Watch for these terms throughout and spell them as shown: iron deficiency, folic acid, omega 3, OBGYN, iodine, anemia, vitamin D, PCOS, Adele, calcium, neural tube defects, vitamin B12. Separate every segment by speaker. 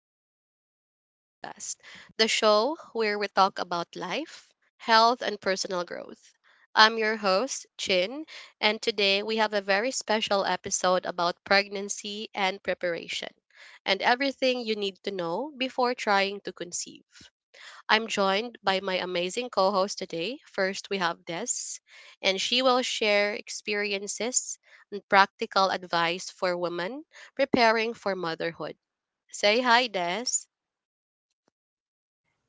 Speaker 1: back to our podcast, the show where we talk about life, health, and personal growth. I'm your host, Chin, and today we have a very special episode about pregnancy and preparation and everything you need to know before trying to conceive. I'm joined by my amazing co host today. First, we have Des, and she will share experiences and practical advice for women preparing for motherhood. Say hi, Des.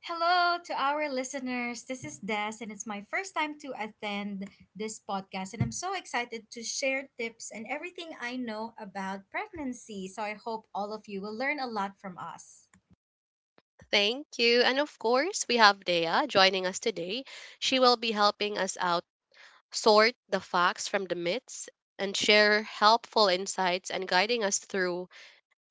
Speaker 2: Hello to our listeners. This is Des, and it's my first time to attend this podcast. And I'm so excited to share tips and everything I know about pregnancy. So I hope all of you will learn a lot from us.
Speaker 1: Thank you. And of course, we have Dea joining us today. She will be helping us out sort the facts from the myths and share helpful insights and guiding us through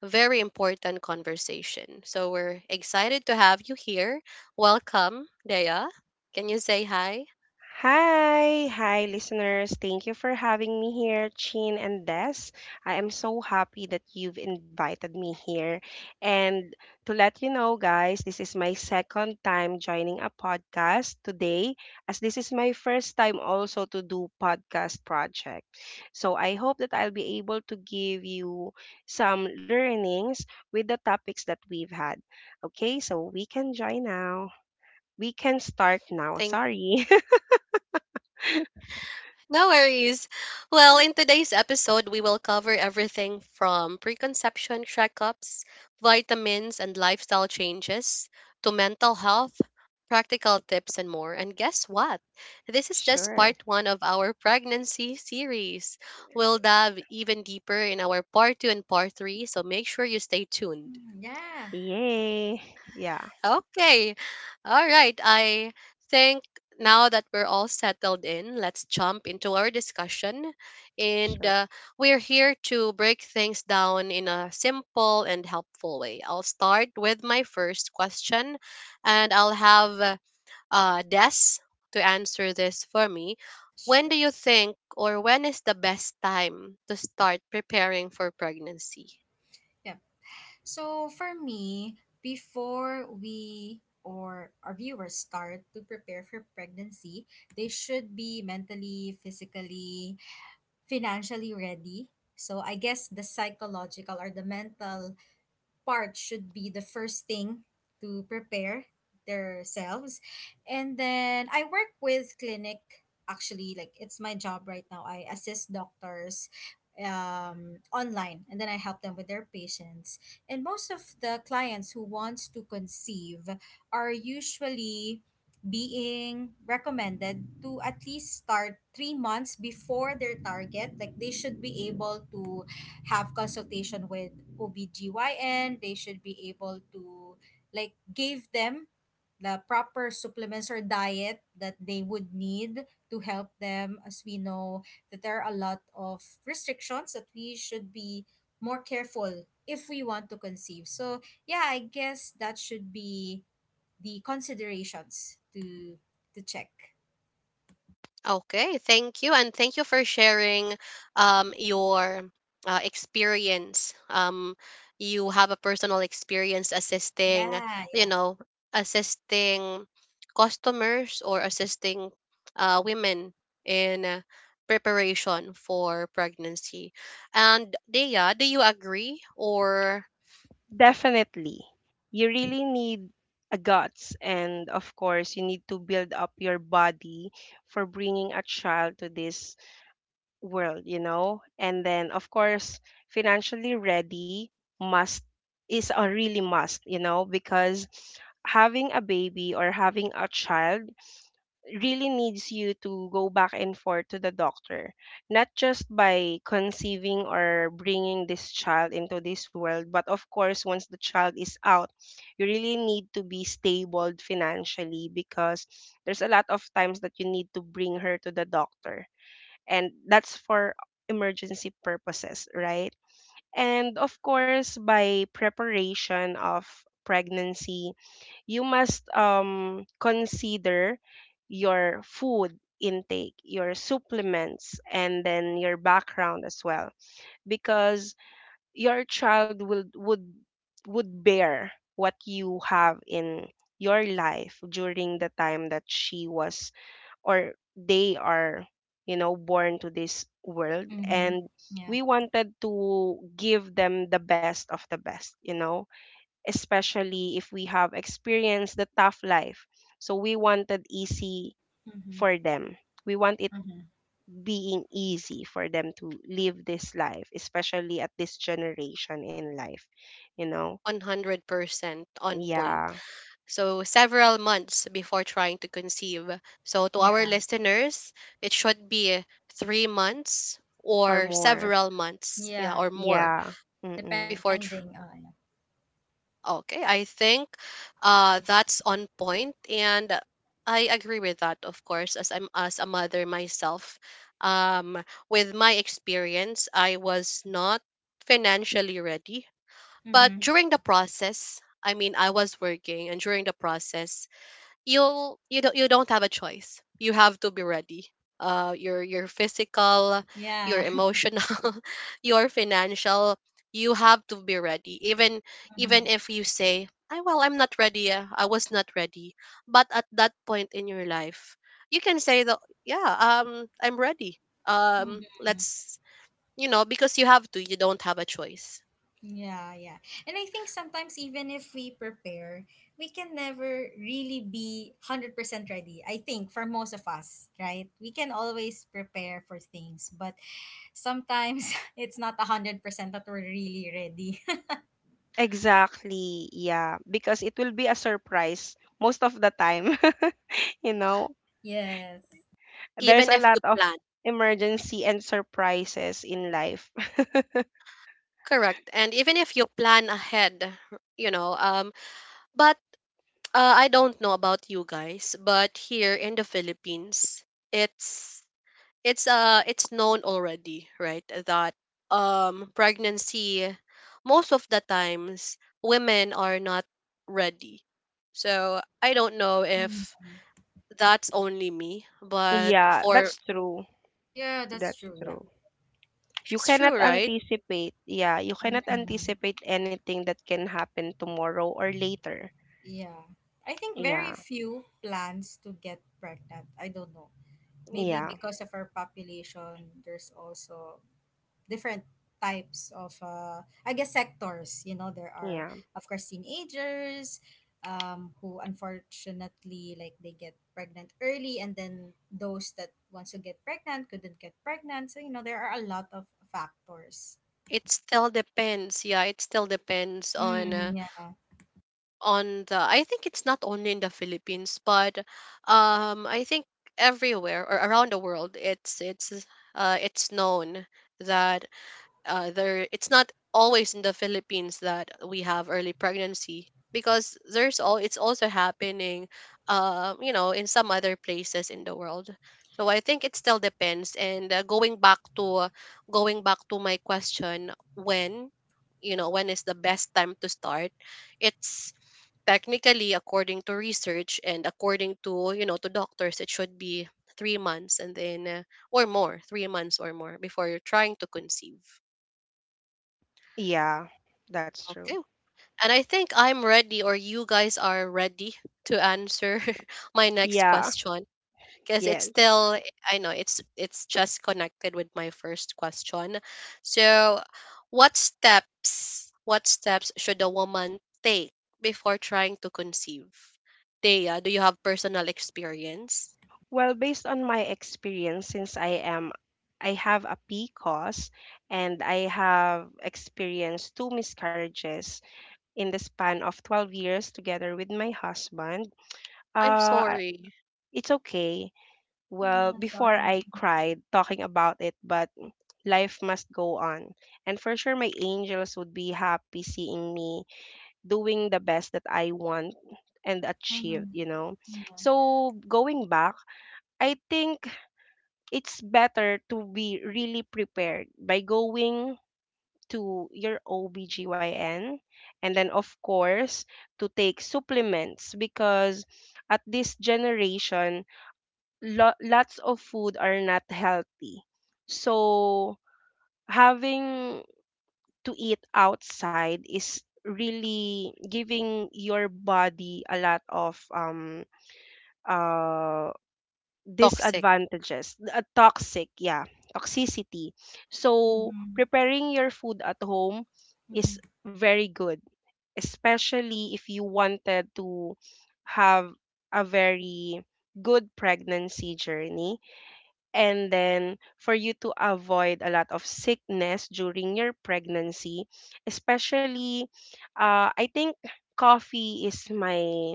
Speaker 1: very important conversation. So we're excited to have you here. Welcome, Dea. Can you say hi?
Speaker 3: Hi, hi listeners. Thank you for having me here, Chin and Des. I am so happy that you've invited me here. And to let you know, guys, this is my second time joining a podcast today, as this is my first time also to do podcast project. So I hope that I'll be able to give you some learnings with the topics that we've had. Okay, so we can join now. We can start now.
Speaker 1: Thank
Speaker 3: Sorry.
Speaker 1: no worries. Well, in today's episode, we will cover everything from preconception checkups, vitamins and lifestyle changes, to mental health, practical tips, and more. And guess what? This is just
Speaker 3: Sure.
Speaker 1: part one of our pregnancy series. We'll dive even deeper in our part two and part three, so make sure you stay tuned.
Speaker 2: Mm, yeah,
Speaker 3: Yay. Yeah,
Speaker 1: Okay. All right. I think now that we're all settled in, let's jump into our discussion. And
Speaker 3: sure.
Speaker 1: we're here to break things down in a simple and helpful way. I'll start with my first question, and I'll have Des to answer this for me. When
Speaker 2: sure.
Speaker 1: do you think, or when is the best time to start preparing for pregnancy?
Speaker 2: Yep. So for me, before we or our viewers start to prepare for pregnancy, they should be mentally, physically, financially ready. So I guess the psychological or the mental part should be the first thing to prepare themselves. And then I work with clinic actually, like it's my job right now. I assist doctors online, and then I help them with their patients. And most of the clients who wants to conceive are usually being recommended to at least start 3 months before their target, like they should be able to have consultation with OBGYN. They should be able to like give them the proper supplements or diet that they would need to help them, as we know that there are a lot of restrictions that we should be more careful if we want to conceive. So yeah, I guess that should be the considerations to check.
Speaker 1: Okay, thank you, and thank you for sharing your experience. You have a personal experience assisting,
Speaker 2: Yeah,
Speaker 1: you
Speaker 2: yeah.
Speaker 1: know, assisting customers or assisting women in preparation for pregnancy. And Dea, do you agree or
Speaker 3: Definitely. You really need a guts, and of course you need to build up your body for bringing a child to this world, you know? And then of course financially ready, must is a really must, you know, because having a baby or having a child really needs you to go back and forth to the doctor, not just by conceiving or bringing this child into this world, but of course, once the child is out, you really need to be stable financially, because there's a lot of times that you need to bring her to the doctor, and that's for emergency purposes, right? And of course, by preparation of pregnancy, you must consider your food intake, your supplements, and then your background as well, because your child will would bear what you have in your life during the time that she was or they are born to this world.
Speaker 2: Mm-hmm.
Speaker 3: And
Speaker 2: Yeah.
Speaker 3: we wanted to give them the best of the best, especially if we have experienced the tough life. So we wanted easy
Speaker 2: Mm-hmm.
Speaker 3: for them. We want it
Speaker 2: Mm-hmm.
Speaker 3: being easy for them to live this life, especially at this generation in life, you know?
Speaker 1: 100% on point?
Speaker 3: Yeah,
Speaker 1: So several months before trying to conceive. So to our
Speaker 2: Yeah.
Speaker 1: listeners, it should be 3 months
Speaker 3: or
Speaker 1: or
Speaker 3: more.
Speaker 1: several months, yeah,
Speaker 2: Yeah.
Speaker 1: or
Speaker 2: Yeah.
Speaker 1: more
Speaker 3: Yeah. Mm-mm.
Speaker 1: before.
Speaker 2: Depending
Speaker 1: Tr-
Speaker 2: on.
Speaker 1: okay, I think that's on point, and I agree with that, of course, as I'm as a mother myself. Um, with my experience, I was not financially ready, but
Speaker 2: Mm-hmm.
Speaker 1: during the process. I mean, I was working, and during the process, you don't have a choice. You have to be ready. Your physical, your
Speaker 2: Yeah.
Speaker 1: emotional, your financial. You have to be ready. Even
Speaker 2: Mm-hmm.
Speaker 1: if you say, "I well, I'm not ready. I was not ready," but at that point in your life, you can say that, "Yeah, I'm ready.
Speaker 2: Mm-hmm.
Speaker 1: Let's you know because you have to. You don't have a choice.
Speaker 2: Yeah, yeah. And I think sometimes even if we prepare, we can never really be 100% ready. I think for most of us, right? We can always prepare for things, but sometimes it's not 100% that we're really ready.
Speaker 3: Exactly. Yeah, because it will be a surprise most of the time. you know,
Speaker 2: Yes.
Speaker 3: there's
Speaker 1: Even
Speaker 3: a
Speaker 1: if you
Speaker 3: lot of
Speaker 1: plan
Speaker 3: emergency and surprises in life.
Speaker 1: correct, and even if you plan ahead, you know, but I don't know about you guys, but here in the Philippines, it's it's known already, right? That pregnancy most of the times women are not ready. So I don't know
Speaker 2: Mm.
Speaker 1: if that's only me, but
Speaker 3: Yeah,
Speaker 1: for
Speaker 3: that's true.
Speaker 2: Yeah, that's
Speaker 3: That's
Speaker 2: true. Yeah.
Speaker 3: true. You
Speaker 1: it's
Speaker 3: cannot
Speaker 1: true, right?
Speaker 3: anticipate. Yeah, you cannot
Speaker 2: Mm.
Speaker 3: anticipate anything that can happen tomorrow or later.
Speaker 2: Yeah. I think very
Speaker 3: Yeah.
Speaker 2: few plans to get pregnant. I don't know, maybe
Speaker 3: Yeah.
Speaker 2: because of our population, there's also different types of I guess sectors. You know, there
Speaker 3: Yeah.
Speaker 2: are of course teenagers, who unfortunately like they get pregnant early, and then those that wants to get pregnant couldn't get pregnant. So you know, there are a lot of factors.
Speaker 1: It still depends. Yeah, it still depends
Speaker 2: Mm, yeah.
Speaker 1: on the I think it's not only in the Philippines, but I think everywhere or around the world it's known that there it's not always in the Philippines that we have early pregnancy because there's all it's also happening you know in some other places in the world. So I think it still depends and going back to my question when you know when is the best time to start it's technically according to research and according to you know to doctors it should be 3 months and then or more 3 months or more before you're trying to conceive.
Speaker 3: Yeah. That's true.
Speaker 1: Okay, and I think I'm ready or you guys are ready to answer my next
Speaker 3: Yeah.
Speaker 1: question because it's
Speaker 3: Yes.
Speaker 1: still I know it's just connected with my first question. So, what steps should a woman take before trying to conceive? Dea, do you have personal experience?
Speaker 3: Well, based on my experience, since I have a PCOS and I have experienced two miscarriages in the span of 12 years together with my husband.
Speaker 1: I'm
Speaker 3: Uh, I-
Speaker 1: sorry,
Speaker 3: it's okay. Well,
Speaker 2: Yeah,
Speaker 3: before
Speaker 2: sorry.
Speaker 3: I cried talking about it, but life must go on. And for sure, my angels would be happy seeing me doing the best that I want and achieved,
Speaker 2: Mm-hmm.
Speaker 3: you know?
Speaker 2: Yeah.
Speaker 3: So, going back, I think it's better to be really prepared by going to your OBGYN, and then, of course, to take supplements, because at this generation, lots of food are not healthy. So having to eat outside is really giving your body a lot of uh
Speaker 1: toxic.
Speaker 3: disadvantages, toxic, yeah, toxicity. So
Speaker 2: Mm-hmm.
Speaker 3: preparing your food at home is
Speaker 2: Mm-hmm.
Speaker 3: very good, especially if you wanted to have a very good pregnancy journey, and then for you to avoid a lot of sickness during your pregnancy, especially, I think coffee is my,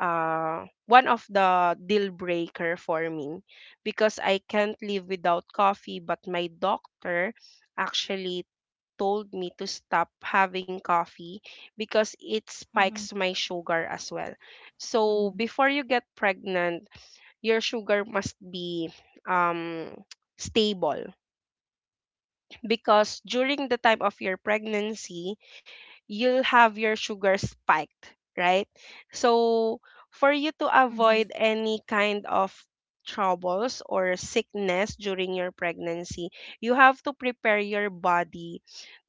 Speaker 3: one of the deal breaker for me, because I can't live without coffee, but my doctor actually told me to stop having coffee because it
Speaker 2: Mm-hmm.
Speaker 3: spikes my sugar as well. So before you get pregnant, your sugar must be, um, stable, because during the time of your pregnancy, you'll have your sugar spiked, right? So, for you to avoid
Speaker 2: Mm-hmm.
Speaker 3: any kind of troubles or sickness during your pregnancy, you have to prepare your body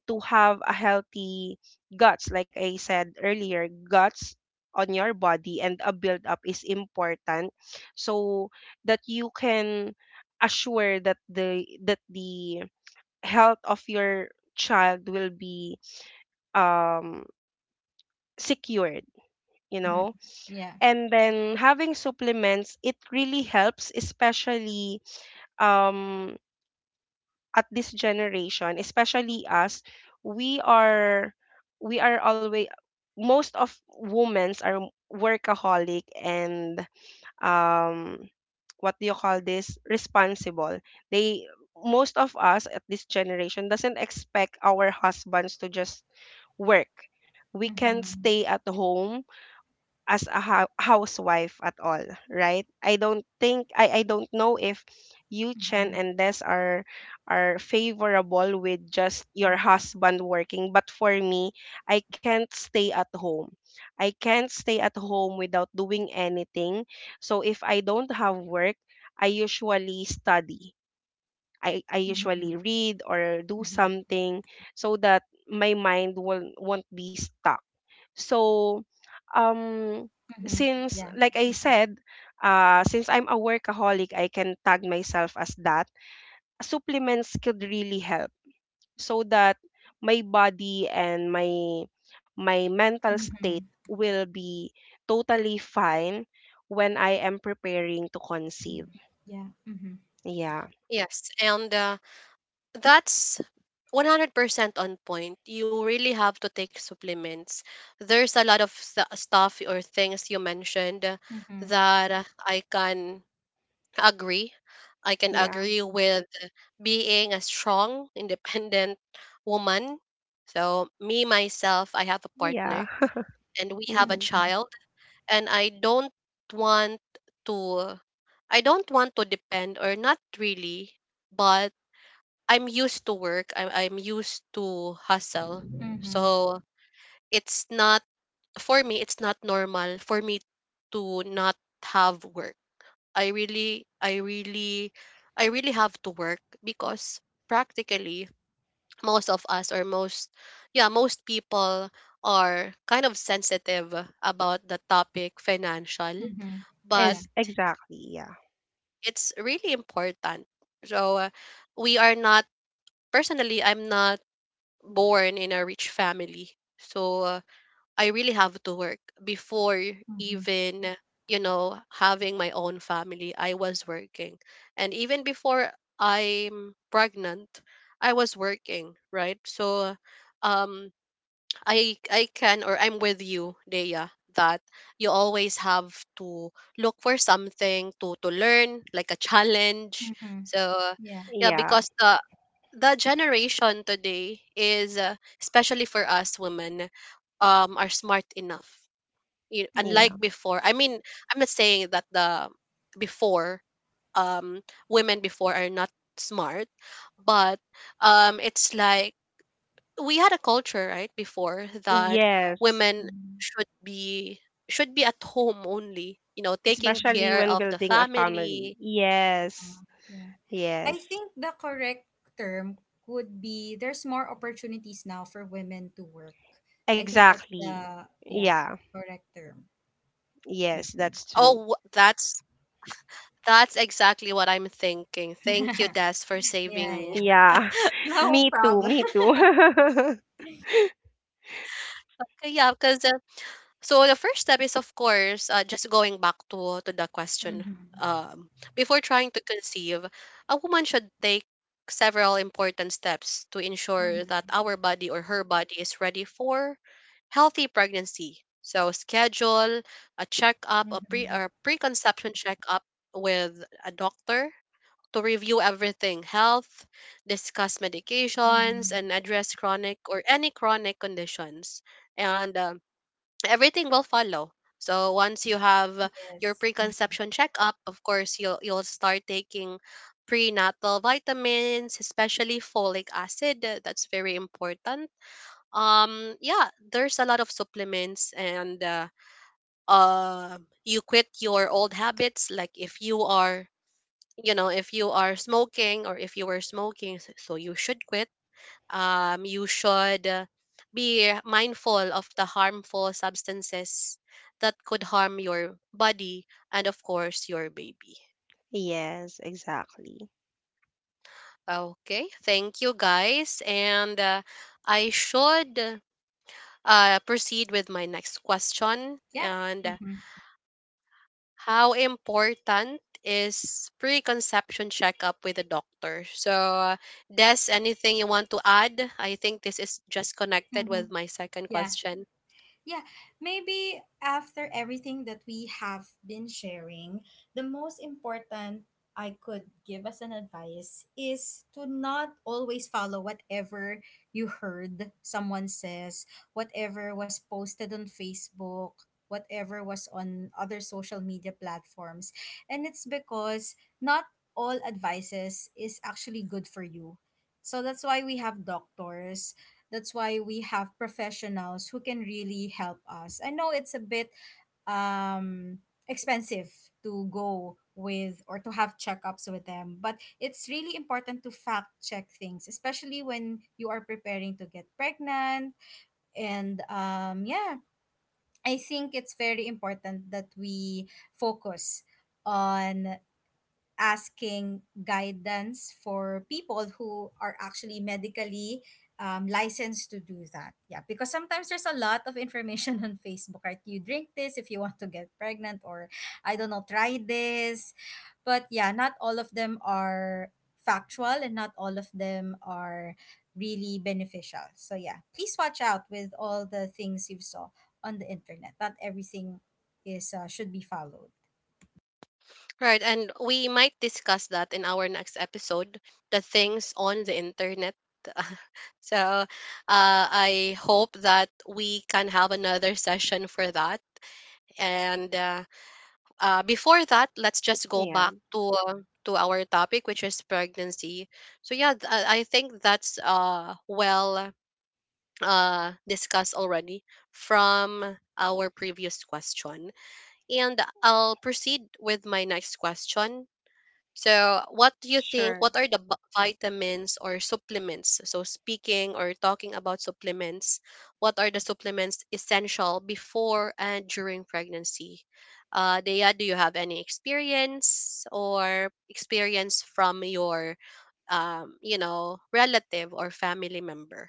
Speaker 3: to have a healthy guts, like I said earlier, guts on your body, and a build up is important, so that you can assure that the health of your child will be, um secured you
Speaker 2: Mm-hmm.
Speaker 3: know
Speaker 2: Yeah.
Speaker 3: and then having supplements, it really helps, especially, um at this generation. Especially us, we are always, most of women's are workaholic, and um what do you call this, responsible. They Most of us at this generation doesn't expect our husbands to just work. We can stay
Speaker 2: Mm-hmm.
Speaker 3: at home as a housewife at all, right? I don't think I don't know if you, Chen and Des, are favorable with just your husband working, but for me, I can't stay at home. I can't stay at home without doing anything. So if I don't have work, I usually study. I
Speaker 2: Mm-hmm.
Speaker 3: usually read or do something so that my mind will won't be stuck. So, um
Speaker 2: Mm-hmm.
Speaker 3: since
Speaker 2: Yeah.
Speaker 3: like I said, since I'm a workaholic, I can tag myself as that, supplements could really help, so that my body and my mental state
Speaker 2: Mm-hmm.
Speaker 3: will be totally fine when I am preparing to conceive.
Speaker 2: Yeah. Mm-hmm.
Speaker 3: Yeah.
Speaker 1: Yes, and that's 100% on point. You really have to take supplements. There's a lot of stuff or things you mentioned
Speaker 2: Mm-hmm.
Speaker 1: that I can agree. I can
Speaker 3: Yeah.
Speaker 1: agree with being a strong, independent woman. So, me, myself, I have a
Speaker 3: Yeah.
Speaker 1: partner and we have a
Speaker 3: Mm-mm.
Speaker 2: Mm-hmm.
Speaker 1: child, and I don't want to, I don't want to depend or not really, but I'm used to work, I'm used to hustle.
Speaker 2: Mm-hmm.
Speaker 1: So, it's not, for me, it's not normal for me to not have work I really, I really, I really have to work because practically most of us or most, yeah, most people are kind of sensitive about the topic financial,
Speaker 2: Mm-hmm.
Speaker 1: but
Speaker 2: Yeah.
Speaker 3: Is exactly. Yeah.
Speaker 1: it's really important. So we are not, personally, I'm not born in a rich family. So I really have to work before
Speaker 2: Mm-hmm.
Speaker 1: even you know having my own family. I was working, and even before I'm pregnant, I was working. Right, so um, I can or I'm with you, Dea, that you always have to look for something to learn, like a challenge.
Speaker 2: Mm-hmm.
Speaker 1: So
Speaker 2: Yeah.
Speaker 1: yeah,
Speaker 3: Yeah.
Speaker 1: because the generation today is especially for us women are smart enough you unlike
Speaker 3: Yeah.
Speaker 2: Mm-hmm.
Speaker 1: before I mean I'm not saying that the before um women before are not smart but it's like we had a culture right before that
Speaker 3: Yes,
Speaker 1: women should be should be at home only you know taking
Speaker 2: Mm-hmm.
Speaker 3: especially
Speaker 1: care
Speaker 3: when
Speaker 1: of the
Speaker 3: building a family.
Speaker 1: family.
Speaker 3: Yes.
Speaker 2: Yeah.
Speaker 3: Yes.
Speaker 2: I think the correct term would be there's more opportunities now for women to work. I think that's
Speaker 3: Exactly.
Speaker 2: the, yeah,
Speaker 3: Yeah.
Speaker 2: correct term.
Speaker 3: Yes,
Speaker 2: Mm-hmm.
Speaker 3: that's true.
Speaker 1: oh wh- that's That's exactly what I'm thinking. Thank you,
Speaker 2: Yeah.
Speaker 1: Des, for saving me.
Speaker 2: Yeah.
Speaker 3: Yeah.
Speaker 2: No
Speaker 3: Me too.
Speaker 2: problem.
Speaker 3: Me too.
Speaker 1: Yeah, because so the first step is, of course, just going back to the question.
Speaker 2: Mm-hmm.
Speaker 1: Um, Before trying to conceive, a woman should take several important steps to ensure that
Speaker 2: Mm-hmm.
Speaker 1: our body or her body is ready for healthy pregnancy. So schedule a checkup, a pre
Speaker 2: Mm-hmm.
Speaker 1: or preconception checkup with a doctor to review everything health, discuss medications,
Speaker 2: Mm-hmm.
Speaker 1: and address chronic or any chronic conditions. And Everything will follow. So once you have your
Speaker 2: Yes.
Speaker 1: preconception checkup, of course, you'll start taking prenatal vitamins, especially folic acid. That's very important. Yeah, there's a lot of supplements and uh, you quit your old habits. Like if you are you know if you are smoking or if you were smoking so you should quit you should be mindful of the harmful substances that could harm your body and of course your baby.
Speaker 3: Yes, exactly.
Speaker 1: Okay, thank you guys and I should proceed with my next question
Speaker 2: Yeah.
Speaker 1: and
Speaker 2: Mm-hmm.
Speaker 1: how important is preconception checkup with a doctor? So, Des, anything you want to add? I think this is just connected
Speaker 2: Mm-hmm.
Speaker 1: with my second
Speaker 2: Yeah.
Speaker 1: question.
Speaker 2: Yeah, maybe after everything that we have been sharing, the most important I could give as an advice is to not always follow whatever you heard someone says, whatever was posted on Facebook, whatever was on other social media platforms. And it's because not all advices is actually good for you. So that's why we have doctors, that's why we have professionals who can really help us. I know it's a bit um, expensive to go with or to have checkups with them, but it's really important to fact check things, especially when you are preparing to get pregnant. And yeah, I think it's very important that we focus on asking guidance for people who are actually medically licensed to do that. Yeah, because sometimes there's a lot of information on Facebook, right? You drink this if you want to get pregnant, or I don't know, try this. But yeah, not all of them are factual, and not all of them are really beneficial. So yeah, please watch out with all the things you saw on the internet. Not everything is, should be followed.
Speaker 1: Right, and we might discuss that in our next episode the things on the internet. So, I hope that we can have another session for that. And before that, let's just go
Speaker 3: Yeah.
Speaker 1: back to our topic, which is pregnancy. So yeah, I think that's well discussed already from our previous question, and I'll proceed with my next question. So, what do you think?
Speaker 3: Sure.
Speaker 1: What are the vitamins or supplements? So, speaking or talking about supplements, what are the supplements essential before and during pregnancy? Dea, do you have any experience or experience from your, you know, relative or family member?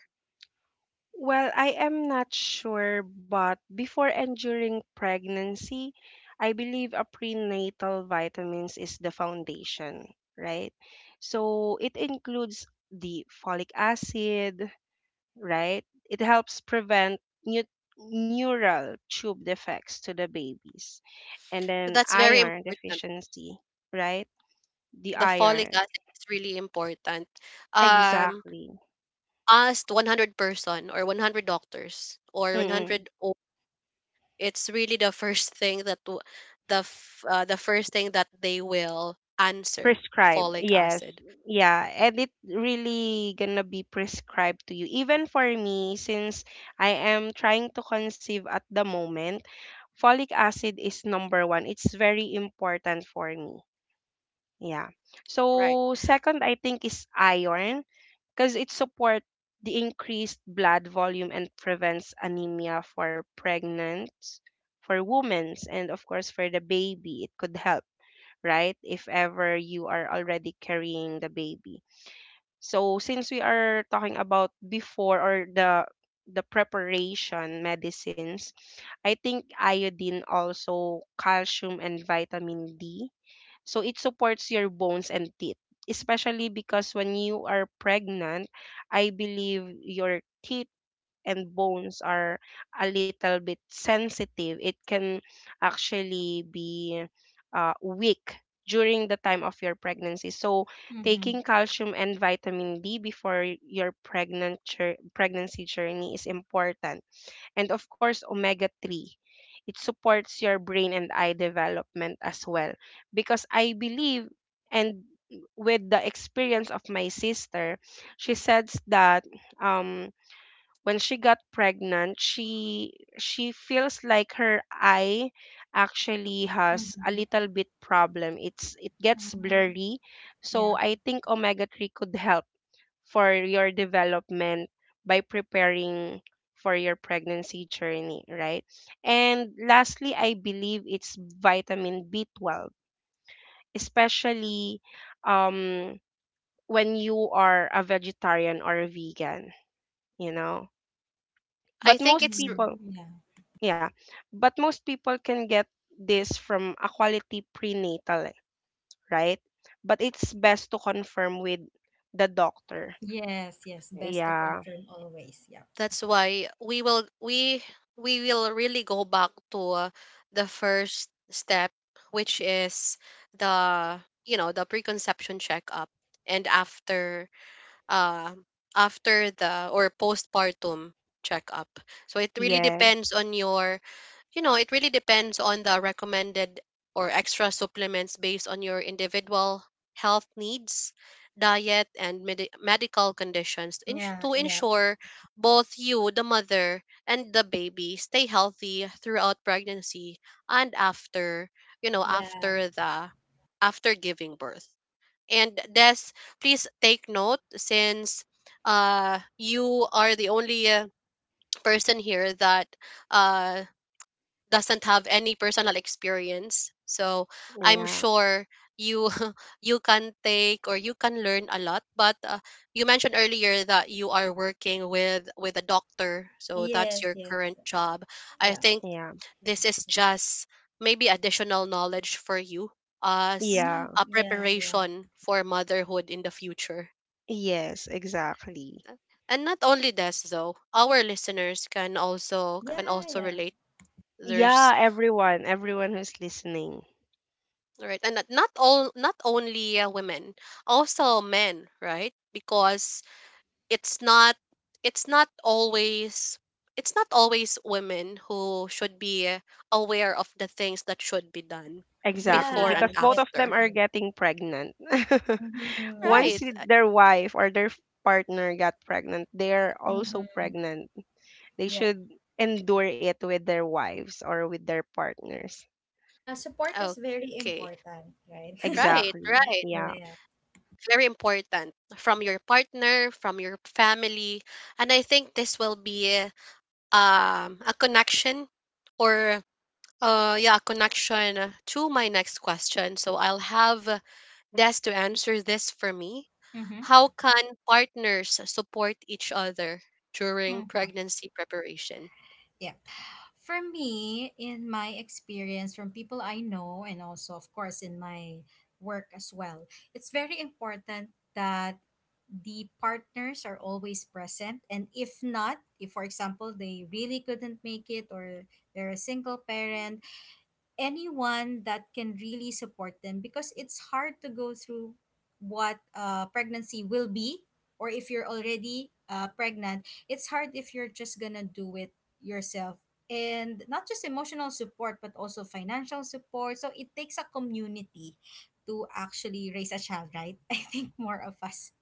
Speaker 3: Well, I am not sure, but before and during pregnancy, I believe a prenatal vitamins is the foundation, right? So it includes the folic acid, right? It helps prevent new neural tube defects to the babies. And
Speaker 1: So
Speaker 3: then
Speaker 1: that's very
Speaker 3: iron
Speaker 1: important.
Speaker 3: deficiency, right? The
Speaker 1: The folic
Speaker 3: iron.
Speaker 1: acid is really important. Um,
Speaker 3: Exactly.
Speaker 1: Asked 100 person or 100 doctors or
Speaker 3: Mm-mm.
Speaker 1: 100 it's really the first thing that the first thing that they will answer
Speaker 3: Prescribed.
Speaker 1: folic
Speaker 3: Yes.
Speaker 1: acid.
Speaker 3: Yeah. And it really gonna be prescribed to you. Even for me, since I am trying to conceive at the moment, folic acid is number one. It's very important for me. Yeah.
Speaker 1: Right.
Speaker 3: So second, I think, is iron, because it supports the increased blood volume and prevents anemia for for women, and of course for the baby. It could help, right? If ever you are already carrying the baby. So since we are talking about before, or the preparation medicines, I think iodine, also calcium and vitamin D, so it supports your bones and teeth, especially because when you are pregnant, I believe your teeth and bones are a little bit sensitive. It can actually be, weak during the time of your pregnancy. So
Speaker 2: Mm-hmm.
Speaker 3: taking calcium and vitamin D before your pregnancy journey is important. And of course omega 3, it supports your brain and eye development as well, because I believe, and with the experience of my sister, she says that, um when she got pregnant, she feels like her eye actually has a little bit problem. It gets
Speaker 2: Mm-hmm.
Speaker 3: blurry.
Speaker 2: Yeah.
Speaker 3: So I think omega 3 could help for your development by preparing for your pregnancy journey, right? And lastly, I believe it's vitamin B12, especially, um, when you are a vegetarian or a vegan, you know.
Speaker 1: I
Speaker 3: But
Speaker 1: think
Speaker 3: most
Speaker 2: Mm,
Speaker 3: people,
Speaker 2: yeah.
Speaker 3: yeah, but most people can get this from a quality prenatal, eh, right? But it's best to confirm with the doctor.
Speaker 2: Yes, yes. Best to
Speaker 3: Yeah.
Speaker 2: confirm always. Yeah.
Speaker 1: that's why we will really go back to the first step which is the you know the preconception checkup and after uh, after the or postpartum checkup. So it really depends
Speaker 3: Yes.
Speaker 1: on your, you know, it really depends on the recommended or extra supplements based on your individual health needs, diet, and medical conditions to
Speaker 2: Yeah,
Speaker 1: to
Speaker 2: yeah.
Speaker 1: ensure both you, the mother, and the baby stay healthy throughout pregnancy and after, you know,
Speaker 2: Yeah.
Speaker 1: after the after giving birth. And this, please take note since you are the only person here that uh, doesn't have any personal experience. So I'm
Speaker 3: Yeah.
Speaker 1: sure you you can take or you can learn a lot. But you mentioned earlier that you are working with a doctor, so that's
Speaker 2: Yes,
Speaker 1: your
Speaker 2: yes.
Speaker 1: current job. I
Speaker 2: Yeah.
Speaker 1: think
Speaker 3: Yeah.
Speaker 1: this is just maybe additional knowledge for you as
Speaker 2: Mm-hmm.
Speaker 3: Yeah.
Speaker 1: a
Speaker 2: Yeah, yeah.
Speaker 1: preparation for motherhood in the future
Speaker 3: Yes, exactly.
Speaker 1: and not only this though our listeners can also
Speaker 2: Yeah,
Speaker 1: can also
Speaker 2: yeah.
Speaker 1: relate there's
Speaker 3: Yeah, everyone who's listening.
Speaker 1: right and not all not only women also men right because it's not it's not always it's not always women who should be aware of the things that should be done
Speaker 3: Exactly,
Speaker 1: before
Speaker 2: Yeah,
Speaker 1: and
Speaker 3: because both
Speaker 2: yes,
Speaker 3: of them
Speaker 1: after
Speaker 3: are
Speaker 2: yes.
Speaker 3: getting pregnant.
Speaker 2: Mm-hmm. Yeah.
Speaker 3: Once
Speaker 1: right.
Speaker 3: their wife or their partner got pregnant, they're also
Speaker 2: Mm-hmm.
Speaker 3: pregnant. They
Speaker 2: Yep.
Speaker 3: should endure it with their wives or with their partners.
Speaker 2: Yeah, support is very
Speaker 1: Okay.
Speaker 2: important, right?
Speaker 1: Right,
Speaker 3: Exactly.
Speaker 1: right.
Speaker 2: Yeah,
Speaker 3: Yeah.
Speaker 2: yeah.
Speaker 1: Very important from your partner, from your family. And I think this will be a connection or yeah, a connection to my next question. So I'll have Des to answer this for me.
Speaker 2: Mm-hmm.
Speaker 1: How can partners support each other during pregnancy preparation?
Speaker 2: Yep. For me, in my experience from people I know and also of course in my work as well, it's very important that the partners are always present, and if not, if for example they really couldn't make it, or they're a single parent, anyone that can really support them, because it's hard to go through what pregnancy will be, or if you're already pregnant, it's hard if you're just gonna do it yourself. And not just emotional support, but also financial support. So it takes a community to actually raise a child, right? I think more of us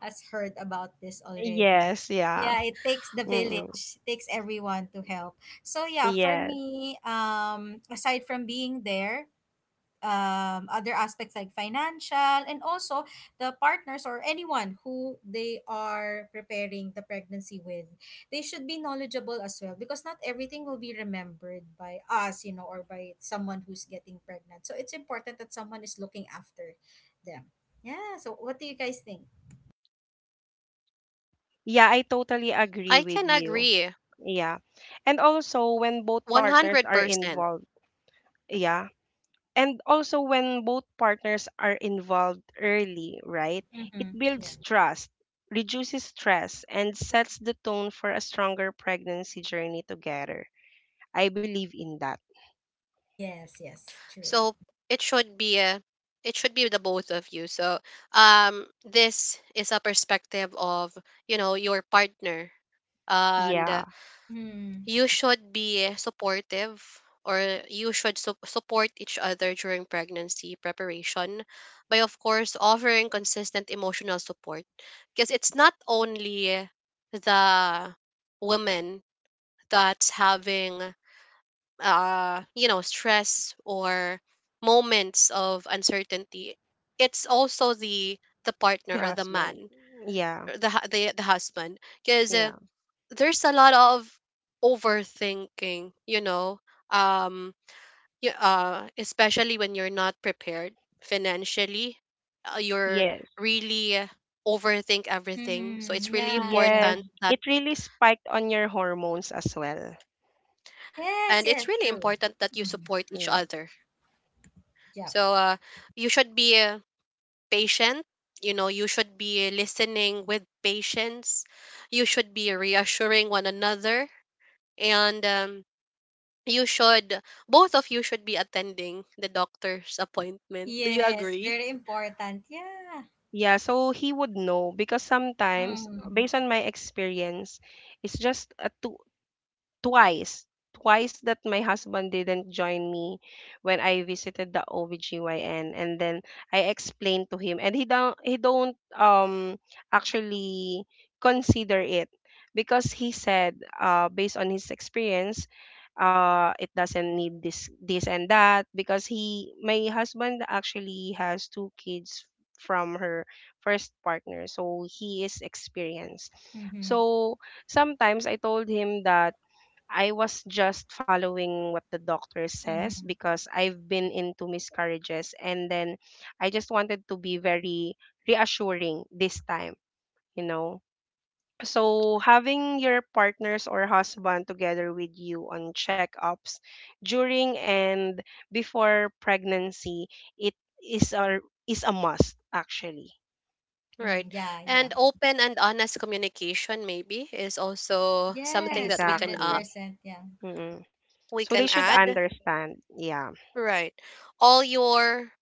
Speaker 2: has heard about this already.
Speaker 3: Yes, yeah.
Speaker 2: Yeah, it takes the
Speaker 3: Mm-mm.
Speaker 2: village, it takes everyone to help. So yeah, for
Speaker 3: Yes.
Speaker 2: me, aside from being there, other aspects like financial and also the partners, or anyone who they are preparing the pregnancy with, they should be knowledgeable as well, because not everything will be remembered by us, you know, or by someone who's getting pregnant. So it's important that someone is looking after them. Yeah. So what do you guys think?
Speaker 3: Yeah, I totally agree
Speaker 1: I can
Speaker 3: with you.
Speaker 1: agree
Speaker 3: Yeah. And also when both partners are
Speaker 1: 100%.
Speaker 3: involved, yeah, and also when both partners are involved early, right? It
Speaker 2: Mm-hmm. Yeah.
Speaker 3: builds trust, reduces stress, and sets the tone for a stronger pregnancy journey together. I believe in that.
Speaker 2: Yes. Yes. True.
Speaker 1: So it should be a it should be the both of you. So this is a perspective of, you know, your partner and
Speaker 3: Yeah,
Speaker 2: Mm-hmm.
Speaker 1: you should be supportive or you should support each other during pregnancy preparation by of course offering consistent emotional support because it's not only the woman that's having stress or moments of uncertainty, it's also the
Speaker 3: the
Speaker 1: partner or the
Speaker 3: husband.
Speaker 1: man,
Speaker 3: Yeah,
Speaker 1: or the husband, because
Speaker 3: yeah.
Speaker 1: there's a lot of overthinking, um, especially when you're not prepared financially, you're
Speaker 3: Yes,
Speaker 1: really overthink everything. So
Speaker 2: Mm-hmm.
Speaker 1: it's really
Speaker 2: Yeah. Yeah.
Speaker 3: yes.
Speaker 1: important that,
Speaker 3: It really spiked on your hormones as well.
Speaker 2: Yes,
Speaker 1: And it's
Speaker 2: yes,
Speaker 1: really
Speaker 2: true.
Speaker 1: important that you support each
Speaker 3: Yeah.
Speaker 1: other.
Speaker 2: Yeah.
Speaker 1: So you should be patient. You know, you should be listening with patience. You should be reassuring one another. And you should, both of you should be attending the doctor's appointment. Do you
Speaker 2: Yes,
Speaker 1: agree?
Speaker 2: very important. Yeah.
Speaker 3: Yeah, so he would know, because sometimes, based
Speaker 2: Mm.
Speaker 3: on my experience, it's just a two twice twice that my husband didn't join me when I visited the OBGYN, and then I explained to him, and he don't, actually consider it, because he said, based on his experience, it doesn't need this and that, because he my husband actually has two kids from her first partner, so he is experienced.
Speaker 2: Mm-hmm.
Speaker 3: So sometimes I told him that I was just following what the doctor says,
Speaker 2: Mm-hmm.
Speaker 3: because I've been into miscarriages, and then I just wanted to be very reassuring this time, you know. So having your partners or husband together with you on checkups during and before pregnancy, it is a is a must actually.
Speaker 2: Mm-hmm.
Speaker 1: Right.
Speaker 2: Yeah, yeah.
Speaker 1: And open and honest communication, maybe, is also something
Speaker 2: Yes,
Speaker 1: that
Speaker 3: Exactly.
Speaker 2: 100%. Yeah.
Speaker 3: mm
Speaker 1: we
Speaker 3: So they
Speaker 1: can
Speaker 3: should
Speaker 1: add.
Speaker 3: understand. Yeah,
Speaker 1: Right. All your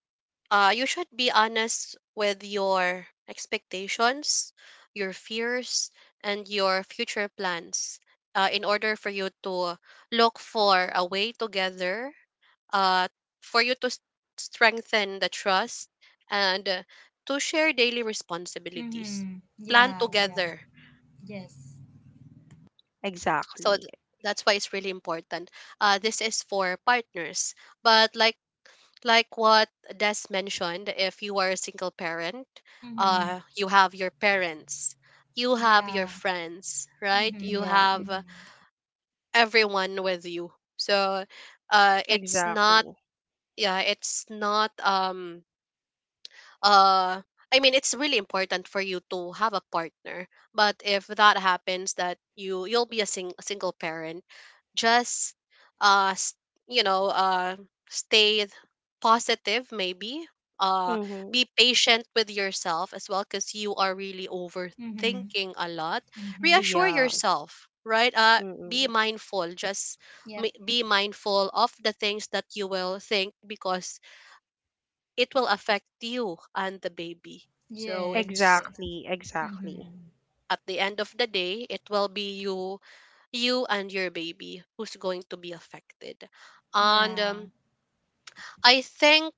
Speaker 1: You should be honest with your expectations, your fears, and your future plans in order for you to look for a way together, uh, for you to strengthen the trust and to share daily responsibilities.
Speaker 2: Mm-hmm.
Speaker 1: Plan
Speaker 2: Yeah, yeah.
Speaker 1: together.
Speaker 2: Yes.
Speaker 1: So
Speaker 3: exactly.
Speaker 1: that's why it's really important. This is for partners. But like what Des mentioned, if you are a single parent,
Speaker 2: Mm-hmm.
Speaker 1: you have your parents, you have
Speaker 2: Yeah.
Speaker 1: your friends, right?
Speaker 2: Mm-hmm.
Speaker 1: You
Speaker 3: Yeah,
Speaker 1: have
Speaker 2: Mm-hmm.
Speaker 1: everyone with you. So, it's not,
Speaker 3: exactly.
Speaker 1: yeah, it's not uh I mean it's really important for you to have a partner but if that happens that you'll be a, a single parent just uh s- you know uh stay positive maybe uh
Speaker 3: Mm-hmm.
Speaker 1: be patient with yourself as well cuz you are really
Speaker 2: Mm-hmm.
Speaker 1: overthinking a lot
Speaker 2: Mm-hmm.
Speaker 1: reassure
Speaker 3: Yeah.
Speaker 1: yourself right be
Speaker 3: Mm-mm.
Speaker 1: mindful just
Speaker 2: Yep.
Speaker 1: be mindful of the things that you will think because it will affect you and the baby. So
Speaker 2: Yes,
Speaker 1: it's
Speaker 2: yes.
Speaker 3: Exactly. Exactly.
Speaker 2: Mm-hmm.
Speaker 1: At the end of the day, it will be you, you and your baby who's going to be affected. And
Speaker 2: Yeah.
Speaker 1: I think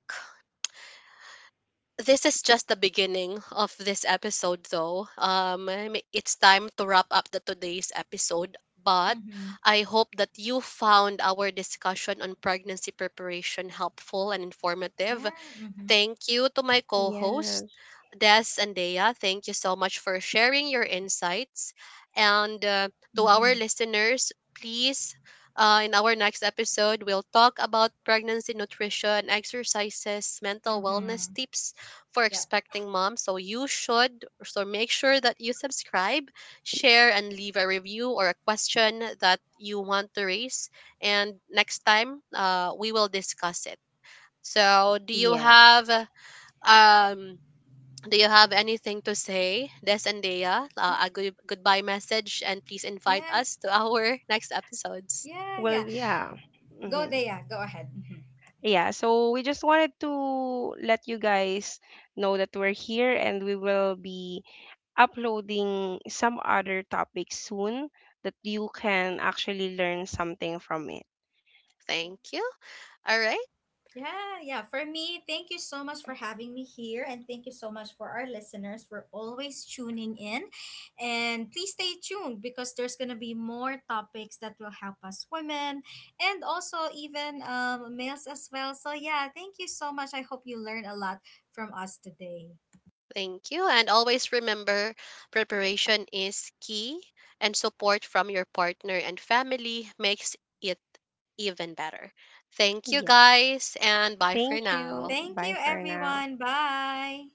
Speaker 1: this is just the beginning of this episode, though. It's time to wrap up the today's episode. But
Speaker 2: Mm-hmm.
Speaker 1: I hope that you found our discussion on pregnancy preparation helpful and informative.
Speaker 2: Yeah. Mm-hmm.
Speaker 1: Thank you to my co host,
Speaker 3: Yes.
Speaker 1: Des and Dea. Thank you so much for sharing your insights. And to our
Speaker 2: Mm-hmm.
Speaker 1: listeners, please, in our next episode, we'll talk about pregnancy nutrition, exercises, mental wellness
Speaker 2: Mm-hmm.
Speaker 1: tips for
Speaker 2: Yep.
Speaker 1: expecting moms. So so make sure that you subscribe, share, and leave a review or a question that you want to raise. And next time, we will discuss it. So,
Speaker 3: Yes.
Speaker 1: um, do you have anything to say, Des and Dea?
Speaker 2: Yeah.
Speaker 1: A good goodbye message, and please invite
Speaker 2: Yeah.
Speaker 1: us to our next episodes.
Speaker 2: Yeah.
Speaker 3: Well,
Speaker 2: Yeah.
Speaker 3: yeah.
Speaker 2: Go
Speaker 3: Mm-hmm.
Speaker 2: there. Yeah. Go ahead. Mm-hmm.
Speaker 3: Yeah. So we just wanted to let you guys know that we're here and we will be uploading some other topics soon that you can actually learn something from it.
Speaker 1: Thank you. All right.
Speaker 2: Yeah, yeah. For me, thank you so much for having me here. And thank you so much for our listeners for always tuning in. And please stay tuned, because there's going to be more topics that will help us women, and also even males as well. So yeah, thank you so much. I hope you learn a lot from us today.
Speaker 1: Thank you. And always remember preparation is key, and support from your partner and family makes it even better. Thank you,
Speaker 3: Yeah.
Speaker 1: guys, and bye for
Speaker 3: Thank you.
Speaker 1: now.
Speaker 2: Thank
Speaker 3: Bye
Speaker 2: you,
Speaker 3: for now.
Speaker 2: everyone. Bye.